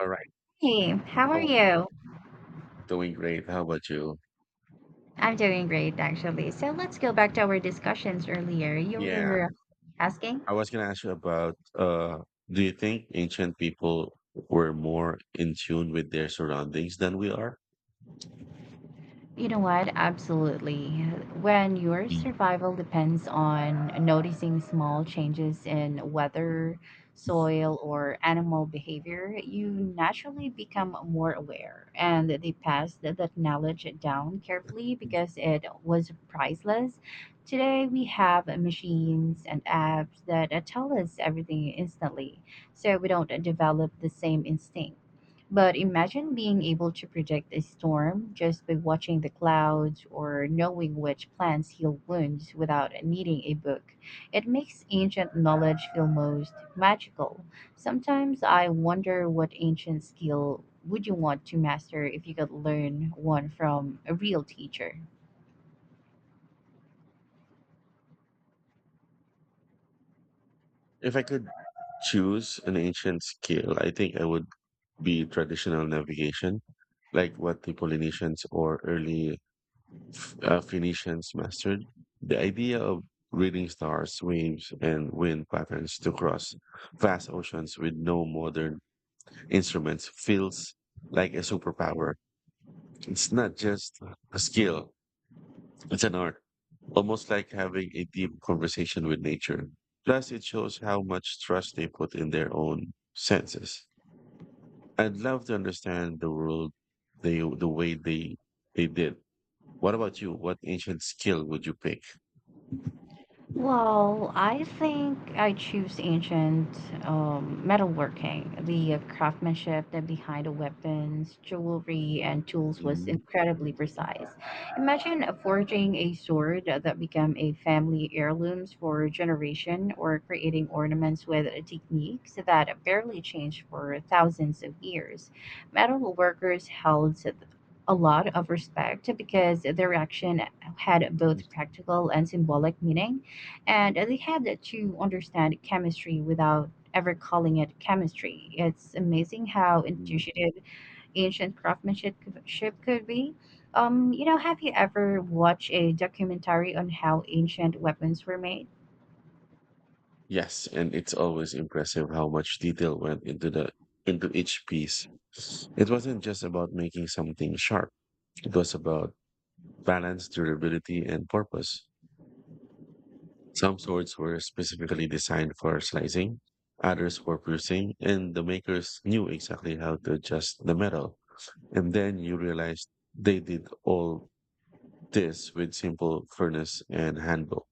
All right. Hey, how are How are you? you? Doing great. How about you? I'm doing great, actually. So let's go back to our discussions earlier. You Yeah. were asking? I was going to ask you about do you think ancient people were more in tune with their surroundings than we are? You know what? Absolutely. When your Mm. survival depends on noticing small changes in weather, soil, or animal behavior, you naturally become more aware. And they passed that knowledge down carefully because it was priceless. Today, we have machines and apps that tell us everything instantly, so we don't develop the same instinct. But imagine being able to predict a storm just by watching the clouds or knowing which plants heal wounds without needing a book. It makes ancient knowledge feel most magical. Sometimes I wonder what ancient skill would you want to master if you could learn one from a real teacher? If I could choose an ancient skill, I think I would be traditional navigation, like what the Polynesians or early Phoenicians mastered. The idea of reading stars, waves, and wind patterns to cross vast oceans with no modern instruments feels like a superpower. It's not just a skill, it's an art, almost like having a deep conversation with nature. Plus, it shows how much trust they put in their own senses. I'd love to understand the world the way they did. What about you? What ancient skill would you pick? Well, I think I choose ancient metalworking. The craftsmanship that behind the weapons, jewelry, and tools was Mhm. incredibly precise. Imagine forging a sword that became a family heirlooms for a generation, or creating ornaments with techniques that barely changed for thousands of years. Metal workers held a lot of respect because their action had both practical and symbolic meaning and they had to understand chemistry without ever calling it chemistry. It's amazing how Mm. intuitive ancient craftsmanship ship could be. Have you ever watched a documentary on how ancient weapons were made? Yes, and it's always impressive how much detail went into the into each piece. It wasn't just about making something sharp. It was about balance, durability, and purpose. Some swords were specifically designed for slicing, others for piercing, and the makers knew exactly how to adjust the metal. And then you realize they did all this with simple furnace and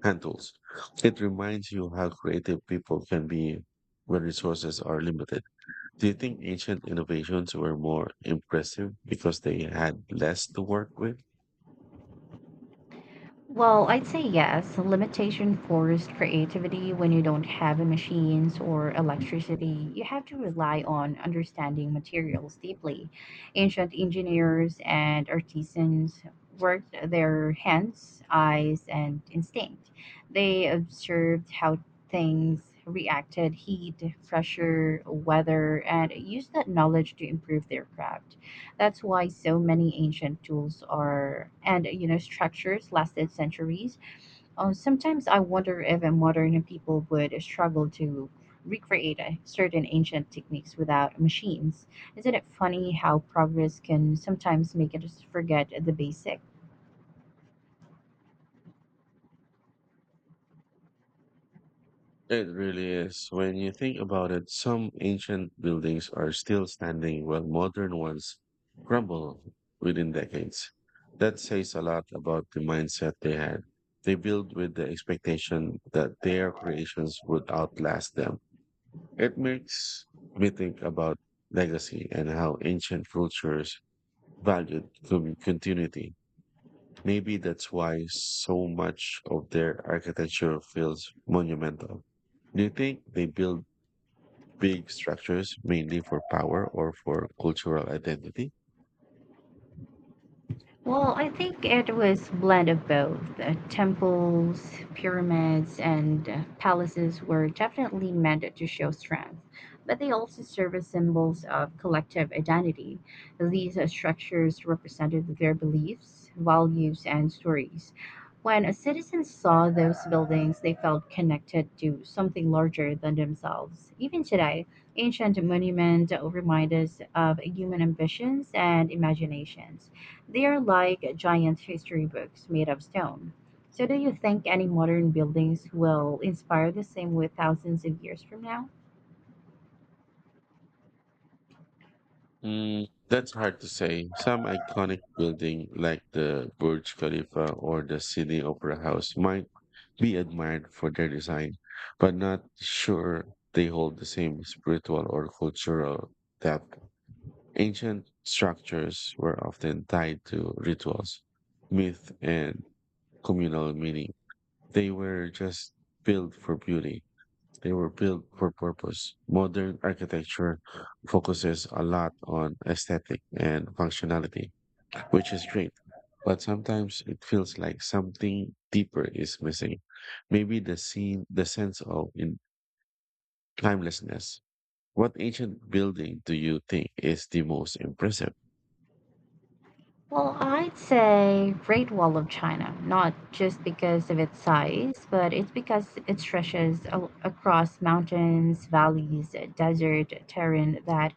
hand tools. It reminds you how creative people can be when resources are limited. Do you think ancient innovations were more impressive because they had less to work with? Well, I'd say yes. Limitation forced creativity when you don't have machines or electricity. You have to rely on understanding materials deeply. Ancient engineers and artisans worked their hands, eyes, and instinct. They observed how things reacted, heat, pressure, weather, and used that knowledge to improve their craft. That's why so many ancient tools are and structures lasted centuries. Sometimes I wonder if a modern people would struggle to recreate certain ancient techniques without machines. Isn't it funny how progress can sometimes make us forget the basics? It really is. When you think about it, some ancient buildings are still standing while modern ones crumble within decades. That says a lot about the mindset they had. They built with the expectation that their creations would outlast them. It makes me think about legacy and how ancient cultures valued continuity. Maybe that's why so much of their architecture feels monumental. Do you think they build big structures mainly for power or for cultural identity? Well, I think it was blend of both. Temples, pyramids, and palaces were definitely meant to show strength, but they also serve as symbols of collective identity. These structures represented their beliefs, values, and stories. When a citizen saw those buildings, they felt connected to something larger than themselves. Even today, ancient monuments remind us of human ambitions and imaginations. They are like giant history books made of stone. So, do you think any modern buildings will inspire the same way thousands of years from now? Mm, that's hard to say. Some iconic building like the Burj Khalifa or the Sydney Opera House might be admired for their design, but not sure they hold the same spiritual or cultural depth. Ancient structures were often tied to rituals, myth, and communal meaning. They were just built for beauty. They were built for purpose. Modern architecture focuses a lot on aesthetic and functionality, which is great. But sometimes it feels like something deeper is missing. Maybe the scene, the sense of in timelessness. What ancient building do you think is the most impressive? Well, I'd say Great Wall of China, not just because of its size, but it's because it stretches across mountains, valleys, desert terrain that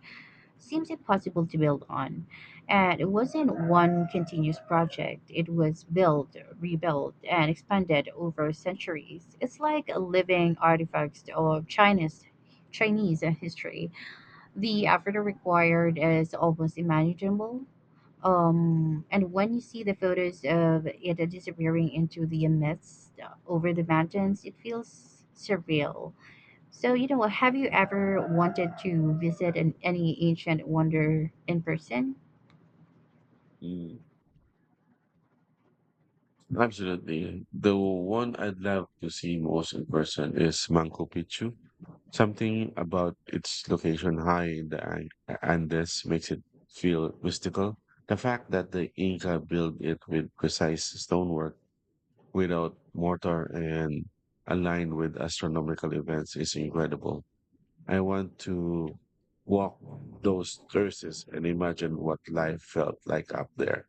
seems impossible to build on. And it wasn't one continuous project, it was built, rebuilt, and expanded over centuries. It's like a living artifacts of China's Chinese history. The effort required is almost unimaginable. And when you see the photos of it disappearing into the mist over the mountains, it feels surreal. So, have you ever wanted to visit any ancient wonder in person? Mm, absolutely. The one I'd love to see most in person is Manco Picchu. Something about its location high in the Andes makes it feel mystical. The fact that the Inca built it with precise stonework without mortar and aligned with astronomical events is incredible. I want to walk those terraces and imagine what life felt like up there.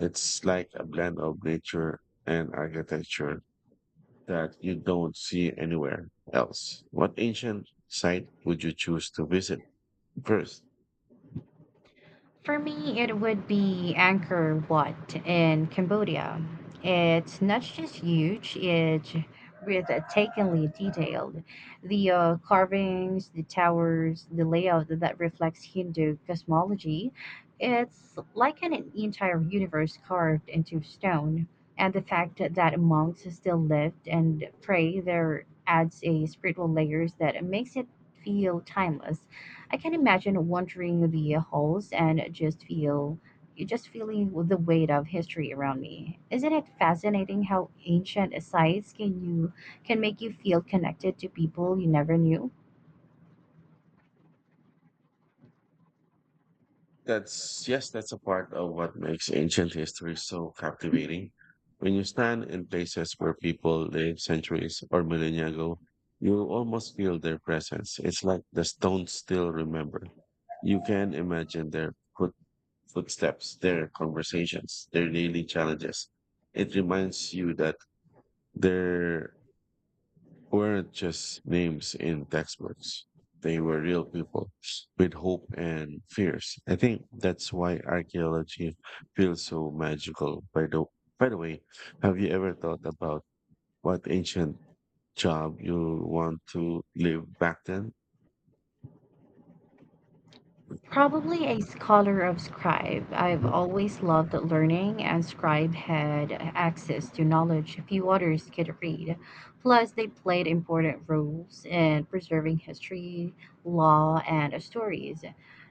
It's like a blend of nature and architecture that you don't see anywhere else. What ancient site would you choose to visit first? For me, it would be Angkor Wat in Cambodia. It's not just huge, it's breathtakingly detailed. The carvings, the towers, the layout that reflects Hindu cosmology. It's like an entire universe carved into stone. And the fact that monks still lived and pray there adds a spiritual layers that makes it feel timeless. I can imagine wandering the halls and just feeling the weight of history around me. Isn't it fascinating how ancient sites can make you feel connected to people you never knew? That's yes, that's a part of what makes ancient history so captivating. When you stand in places where people lived centuries or millennia ago, you almost feel their presence. It's like the stones still remember. You can imagine their footsteps, their conversations, their daily challenges. It reminds you that there weren't just names in textbooks. They were real people with hope and fears. I think that's why archaeology feels so magical. By the way, have you ever thought about what ancient job you want to leave back then? Probably a scholar of scribe. I've always loved learning, and scribe had access to knowledge few others could read. Plus, they played important roles in preserving history, law, and stories.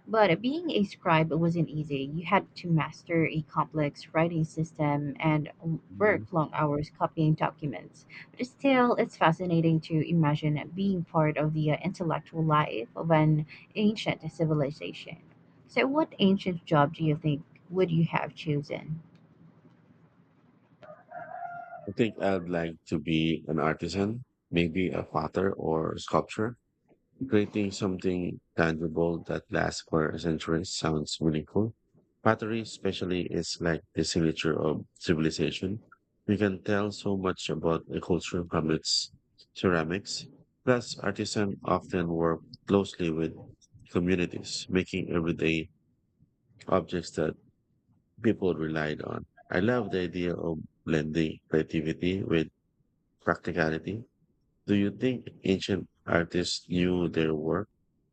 But being a scribe wasn't easy. You had to master a complex writing system and Mhm. work long hours copying documents. But still, it's fascinating to imagine being part of the intellectual life of an ancient civilization. So, what ancient job do you think would you have chosen? I think I'd like to be an artisan, maybe a potter or sculptor. Creating something tangible that lasts for centuries sounds meaningful. Pottery, especially, is like the signature of civilization. You can tell so much about a culture from its ceramics. Plus, artisans often work closely with communities, making everyday objects that people relied on. I love the idea of blending creativity with practicality. Do you think ancient artists knew their work?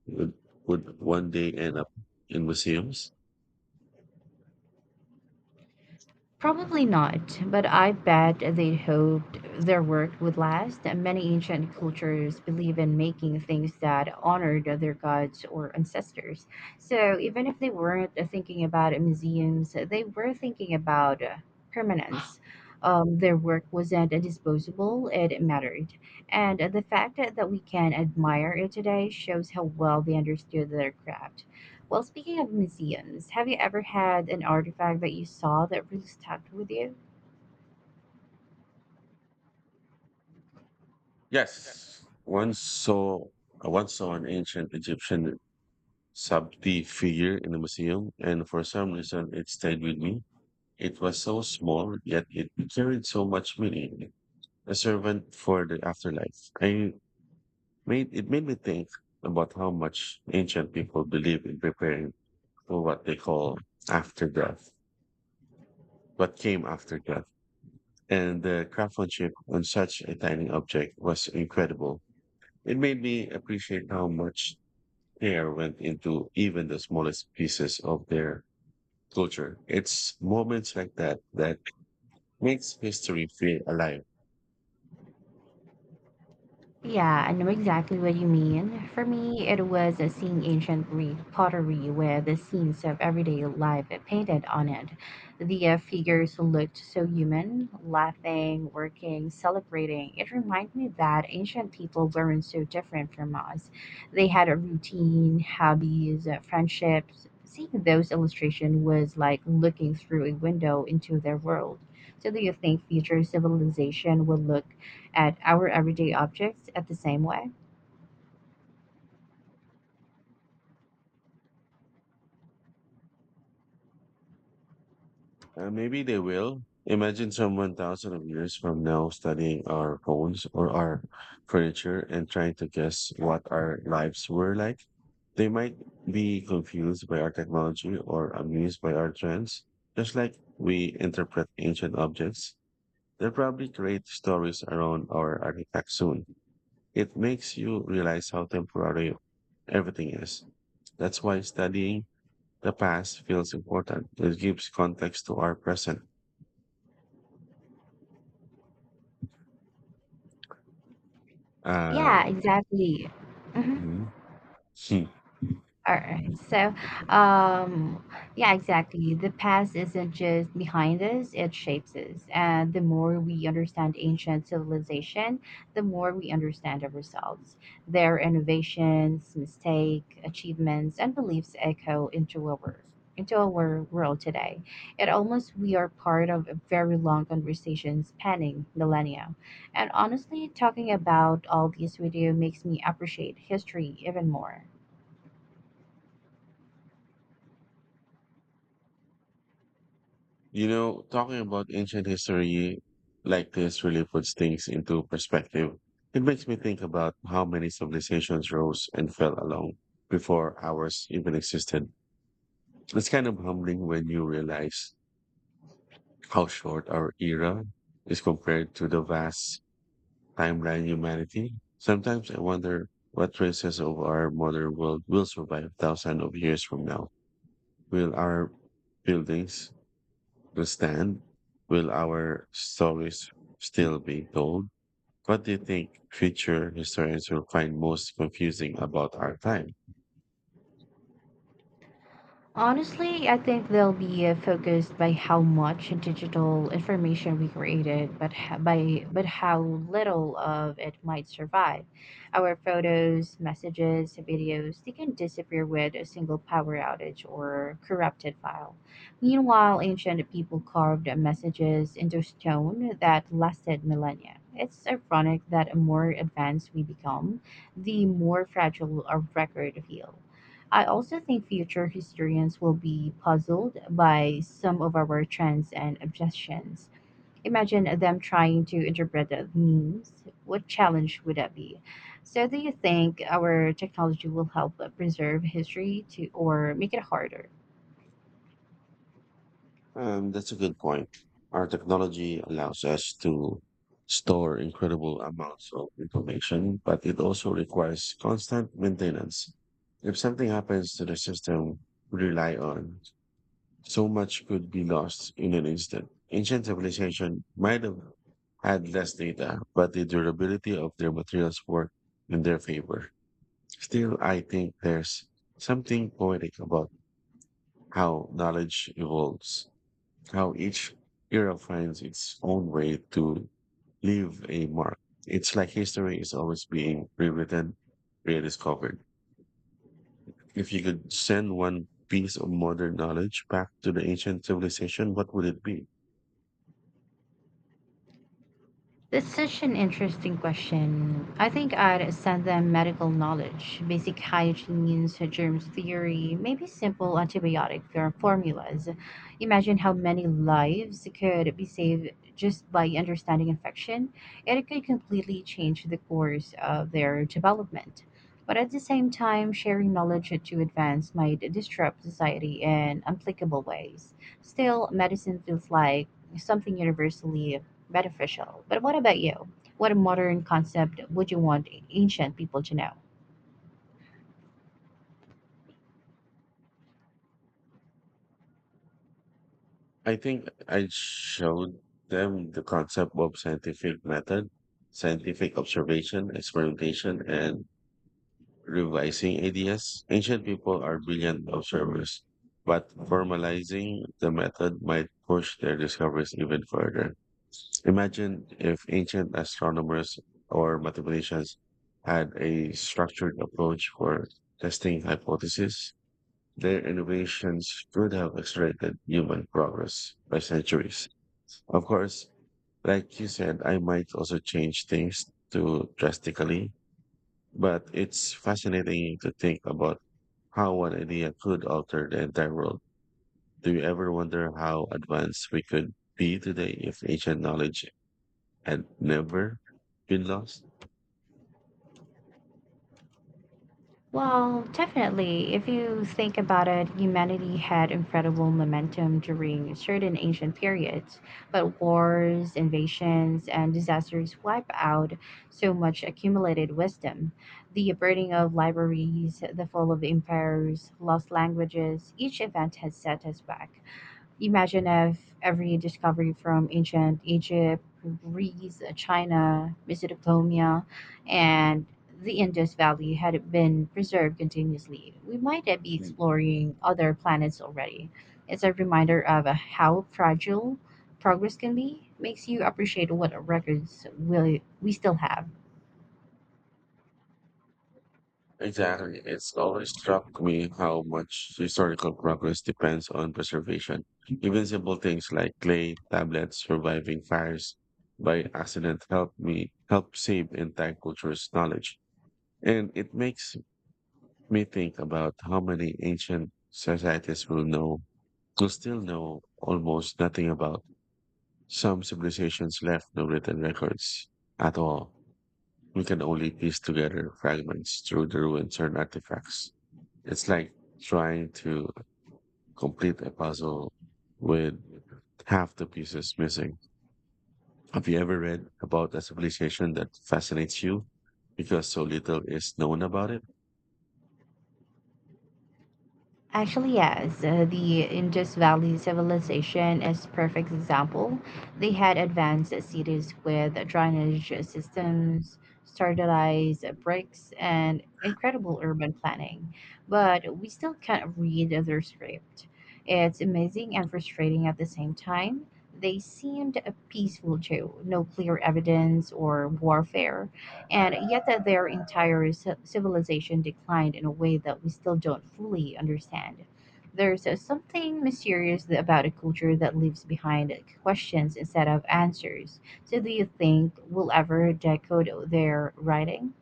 Would would one day end up in museums? Probably not, but I bet they hoped their work would last. Many ancient cultures believe in making things that honored their gods or ancestors. So even if they weren't thinking about museums, they were thinking about permanence. Their work wasn't disposable, it mattered. And the fact that we can admire it today shows how well they understood their craft. Well, speaking of museums, have you ever had an artifact that you saw that really stuck with you? Yes. Once saw I once saw an ancient Egyptian Sabti figure in a museum, and for some reason it stayed with me. It was so small, yet it carried so much meaning. A servant for the afterlife. I made it made me think about how much ancient people believe in preparing for what they call after death. What came after death? And the craftsmanship on such a tiny object was incredible. It made me appreciate how much care went into even the smallest pieces of their culture. It's moments like that that makes history feel alive. Yeah, I know exactly what you mean. For me, it was seeing ancient Greek pottery with the scenes of everyday life painted on it. The figures looked so human, laughing, working, celebrating. It reminded me that ancient people weren't so different from us. They had a routine, hobbies, friendships. Seeing those illustrations was like looking through a window into their world. So, do you think future civilization will look at our everyday objects at the same way. Maybe they will. Imagine someone thousand of years from now studying our phones or our furniture and trying to guess what our lives were like. They might be confused by our technology or amused by our trends. Just like we interpret ancient objects, they'll probably create stories around our artifacts soon. It makes you realize how temporary everything is. That's why studying the past feels important. It gives context to our present. Uh, Yeah, exactly. Mhm. mhm. Hmm. All right. Um, yeah, exactly. The past isn't just behind us, it shapes us. And the more we understand ancient civilization, the more we understand ourselves. Their innovations, mistakes, achievements, and beliefs echo into our world today. It almost we are part of a very long conversation spanning millennia. And honestly, talking about all this with you makes me appreciate history even more. You know, talking about ancient history like this really puts things into perspective. It makes me think about how many civilizations rose and fell along before ours even existed. It's kind of humbling when you realize how short our era is compared to the vast timeline humanity. Sometimes I wonder what traces of our modern world will survive thousands of years from now. Will our buildings to stand? Will our stories still be told? What do you think future historians will find most confusing about our time? Honestly, I think they'll be focused by how much digital information we created, by but how little of it might survive. Our photos, messages, videos, they can disappear with a single power outage or corrupted file. Meanwhile, ancient people carved messages into stone that lasted millennia. It's ironic that the more advanced we become, the more fragile our record feels. I also think future historians will be puzzled by some of our trends and obsessions. Imagine them trying to interpret the memes. What challenge would that be? So, do you think our technology will help preserve history to, or make it harder? That's a good point. Our technology allows us to store incredible amounts of information, but it also requires constant maintenance. If something happens to the system we rely on, so much could be lost in an instant. Ancient civilization might have had less data, but the durability of their materials worked in their favor. Still, I think there's something poetic about how knowledge evolves how each era finds its own way to leave a mark. It's like history is always being rewritten, rediscovered. If you could send one piece of modern knowledge back to the ancient civilization, what would it be? That's such an interesting question. I think I'd send them medical knowledge, basic hygiene, so germs theory, maybe simple antibiotic formulas. Imagine how many lives could be saved just by understanding infection, and it could completely change the course of their development. But at the same time, sharing knowledge to advance might disrupt society in unplicable ways. Still, medicine feels like something universally beneficial. But what about you? What modern concept would you want ancient people to know? I think I showed them the concept of scientific method, scientific observation, experimentation, and revising ideas. Ancient people are brilliant observers, but formalizing the method might push their discoveries even further. Imagine if ancient astronomers or mathematicians had a structured approach for testing hypotheses. Their innovations could have accelerated human progress by centuries. Of course, like you said, I might also change things too drastically, but it's fascinating to think about how one idea could alter the entire world. Do you ever wonder how advanced we could be today if ancient knowledge had never been lost? Well, definitely. If you think about it, humanity had incredible momentum during certain ancient periods, but wars, invasions, and disasters wipe out so much accumulated wisdom. The burning of libraries, the fall of empires, lost languages, each event has set us back. Imagine if every discovery from ancient Egypt, Greece, China, Mesopotamia, and the Indus Valley had been preserved continuously. We might be exploring other planets already. It's a reminder of how fragile progress can be, makes you appreciate what records will we still have. Exactly. It's always struck me how much historical progress depends on preservation. Even simple things like clay tablets surviving fires by accident help save intact cultures knowledge. And it makes me think about how many ancient societies will still know almost nothing about. Some civilizations left no written records at all. We can only piece together fragments through the ruins and artifacts. It's like trying to complete a puzzle with half the pieces missing. Have you ever read about a civilization that fascinates you because so little is known about it? Actually, yes. The Indus Valley civilization is perfect example. They had advanced cities with drainage systems, standardized bricks, and incredible urban planning. But we still can't read their script. It's amazing and frustrating at the same time. They seemed peaceful too, no clear evidence or warfare and yet that their entire civilization declined in a way that we still don't fully understand. There's something mysterious about a culture that leaves behind questions instead of answers. So, do you think we'll ever decode their writing?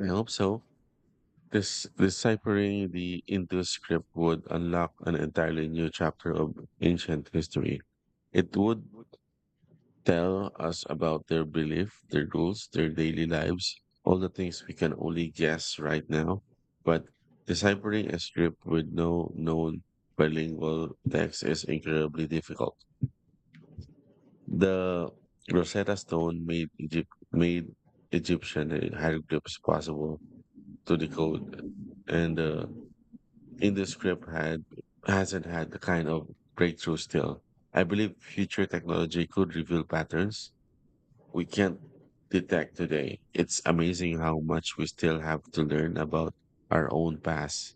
I hope so. This deciphering the Indus script would unlock an entirely new chapter of ancient history. It would tell us about their belief, their goals, their daily lives, all the things we can only guess right now. But deciphering a script with no known bilingual text is incredibly difficult. The Rosetta Stone made Egypt made Egyptian hieroglyphs possible to decode, and the Indus script had hasn't had the kind of breakthrough still. I believe future technology could reveal patterns we can't detect today. It's amazing how much we still have to learn about our own past.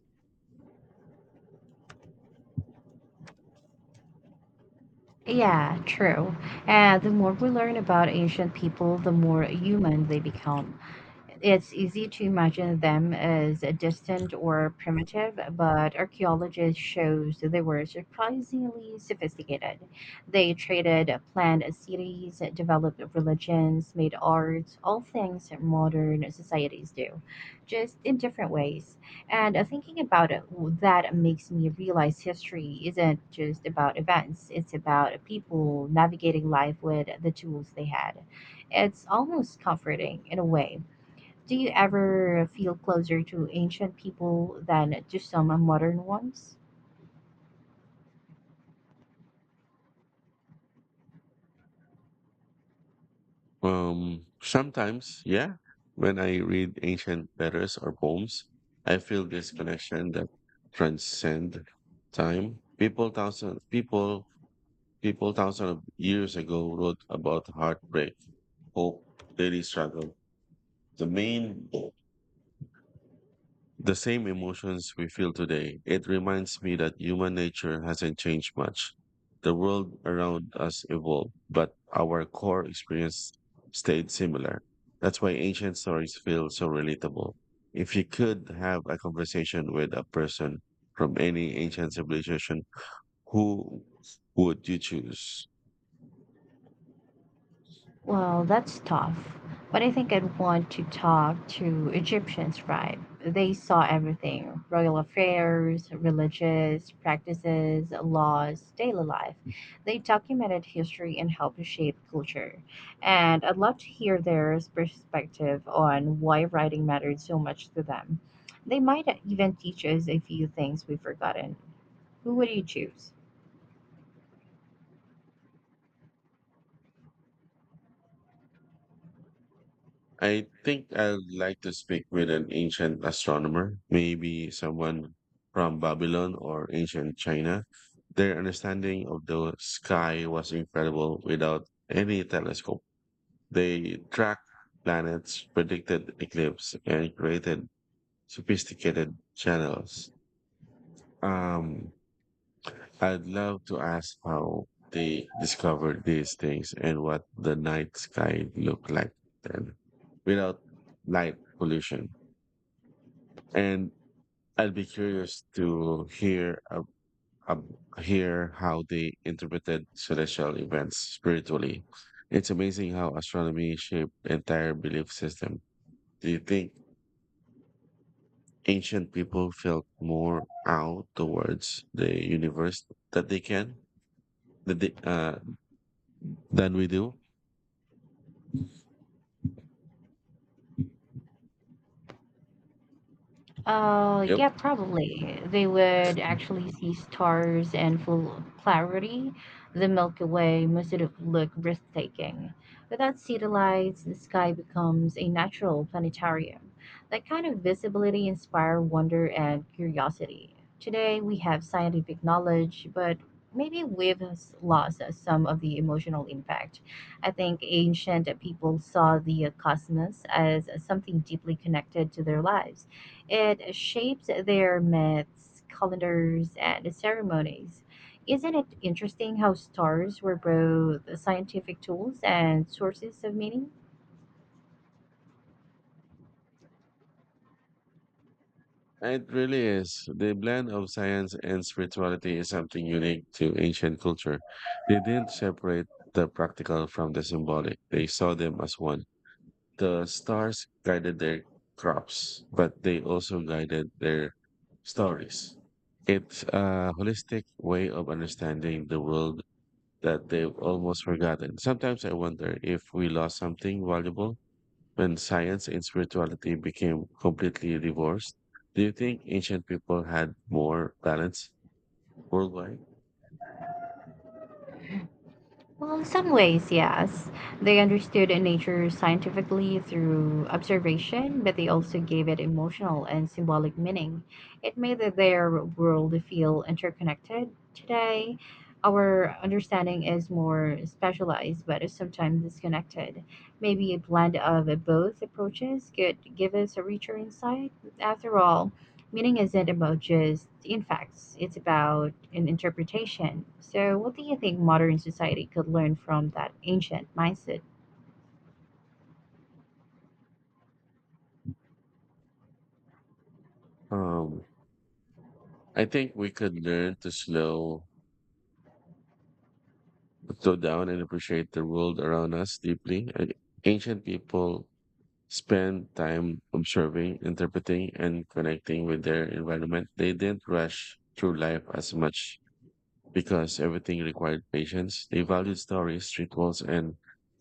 Yeah, true. And the more we learn about ancient people, the more human they become. It's easy to imagine them as distant or primitive, but archaeologists shows they were surprisingly sophisticated. They traded planned cities, developed religions, made art, all things modern societies do, just in different ways. And thinking about it, that makes me realize history isn't just about events, it's about people navigating life with the tools they had. It's almost comforting in a way. Do you ever feel closer to ancient people than to some modern ones? Sometimes, yeah, when I read ancient letters or poems, I feel this connection that transcend time. People thousand of years ago wrote about heartbreak, hope, daily struggle. The main The same emotions we feel today. It reminds me that human nature hasn't changed much. The world around us evolved, but our core experience stayed similar. That's why ancient stories feel so relatable. If you could have a conversation with a person from any ancient civilization, who would you choose? Well, that's tough. But I think I'd want to talk to Egyptian scribe. They saw everything royal affairs, religious practices, laws, daily life. They documented history and helped shape culture. And I'd love to hear their perspective on why writing mattered so much to them. They might even teach us a few things we've forgotten. Who would you choose? I think I'd like to speak with an ancient astronomer, maybe someone from Babylon or ancient China. Their understanding of the sky was incredible without any telescope. They tracked planets, predicted eclipses, and created sophisticated channels. Um, I'd love to ask how they discovered these things and what the night sky looked like then without light pollution. And I'd be curious to hear how they interpreted celestial events spiritually. It's amazing how astronomy shaped the entire belief system. Do you think ancient people felt more out towards the universe that they can that they, than we do? Yep. Yeah, probably. They would actually see stars and full clarity. The Milky Way must have looked breathtaking. Without city lights, the sky becomes a natural planetarium. That kind of visibility inspires wonder and curiosity. Today, we have scientific knowledge, but maybe lost some of the emotional impact. I think ancient people saw the cosmos as something deeply connected to their lives. It shapes their myths, calendars, and ceremonies. Isn't it interesting how stars were both scientific tools and sources of meaning? It really is. The blend of science and spirituality is something unique to ancient culture. They didn't separate the practical from the symbolic, they saw them as one. The stars guided their crops, but they also guided their stories. It's a holistic way of understanding the world that they've almost forgotten. Sometimes I wonder if we lost something valuable when science and spirituality became completely divorced, do you think ancient people had more balance worldwide? Well, in some ways, yes. They understood nature scientifically through observation, but they also gave it emotional and symbolic meaning. It made their world feel interconnected. Today, our understanding is more specialized, but is sometimes disconnected. Maybe a blend of both approaches could give us a richer insight. After all, meaning isn't about just in facts, it's about an interpretation. So, what do you think modern society could learn from that ancient mindset? Um, I think we could learn to slow down and appreciate the world around us deeply. Ancient people spend time observing, interpreting, and connecting with their environment. They didn't rush through life as much. Because everything required patience, they valued stories, rituals, and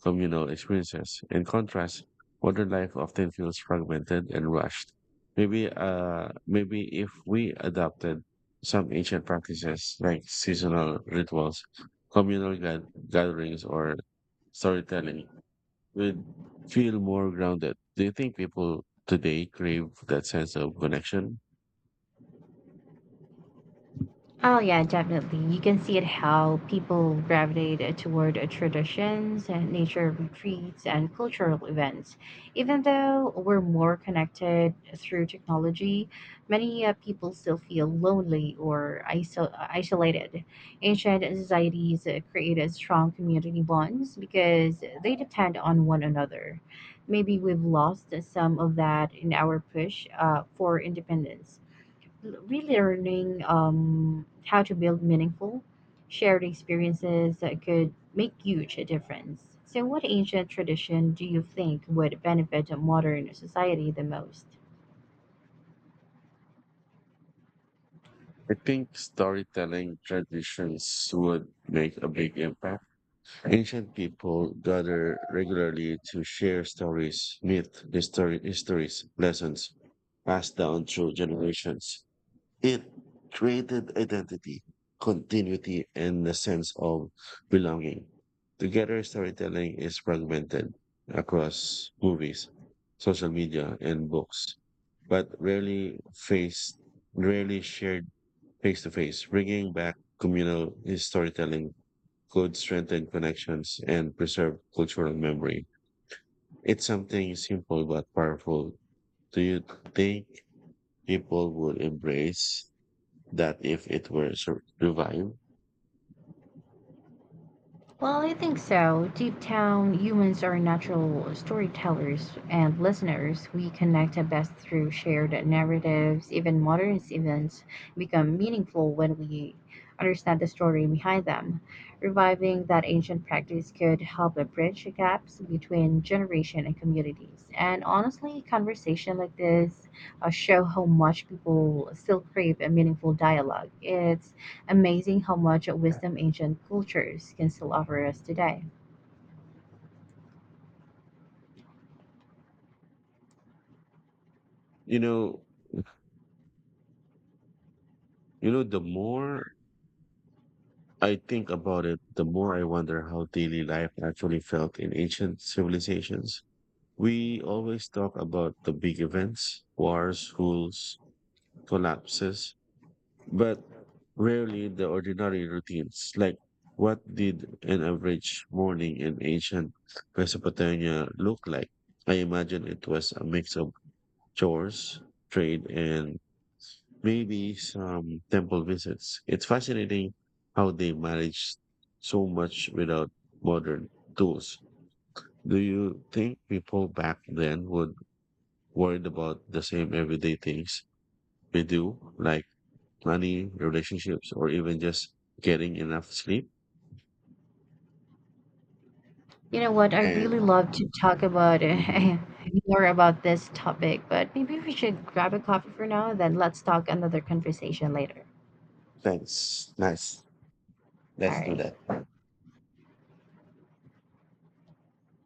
communal experiences. In contrast, modern life often feels fragmented and rushed. Maybe if we adopted some ancient practices like seasonal rituals, gatherings, or storytelling, we'd feel more grounded. Do you think people today crave that sense of connection? Oh yeah, definitely. You can see it how people gravitate toward traditions, and nature retreats, and cultural events. Even though we're more connected through technology, many people still feel lonely or isolated. Ancient societies created strong community bonds because they depend on one another. Maybe we've lost some of that in our push for independence. L- relearning how to build meaningful, shared experiences that could make huge a difference. So, what ancient tradition do you think would benefit a modern society the most? I think storytelling traditions would make a big impact. Ancient people gather regularly to share stories, myth, histories, lessons passed down through generations. It created identity, continuity, and a sense of belonging. Together, storytelling is fragmented across movies, social media, and books, but rarely shared face to face. Bringing back communal storytelling could strengthen connections and preserve cultural memory. It's something simple but powerful. Do you think people would embrace that if it were revived? Well, I think so. Deep down, humans are natural storytellers and listeners. We connect best through shared narratives. Even modern events become meaningful when we understand the story behind them. Reviving that ancient practice could help bridge gaps between generation and communities. And honestly, conversation like this show how much people still crave a meaningful dialogue. It's amazing how much wisdom ancient cultures can still offer us today. you know, you know, the more I think about it, the more I wonder how daily life actually felt in ancient civilizations. We always talk about the big events, wars, schools, collapses, but rarely the ordinary routines. Like, what did an average morning in ancient Mesopotamia look like? I imagine it was a mix of chores, trade, and maybe some temple visits. It's fascinating how they managed so much without modern tools. Do you think people back then would worried about the same everyday things we do, like money, relationships, or even just getting enough sleep. You know what? I really And love to talk about mhm, more about this topic, but maybe we should grab a coffee for now, then let's talk another conversation later. that's nice. All Let's do right. that.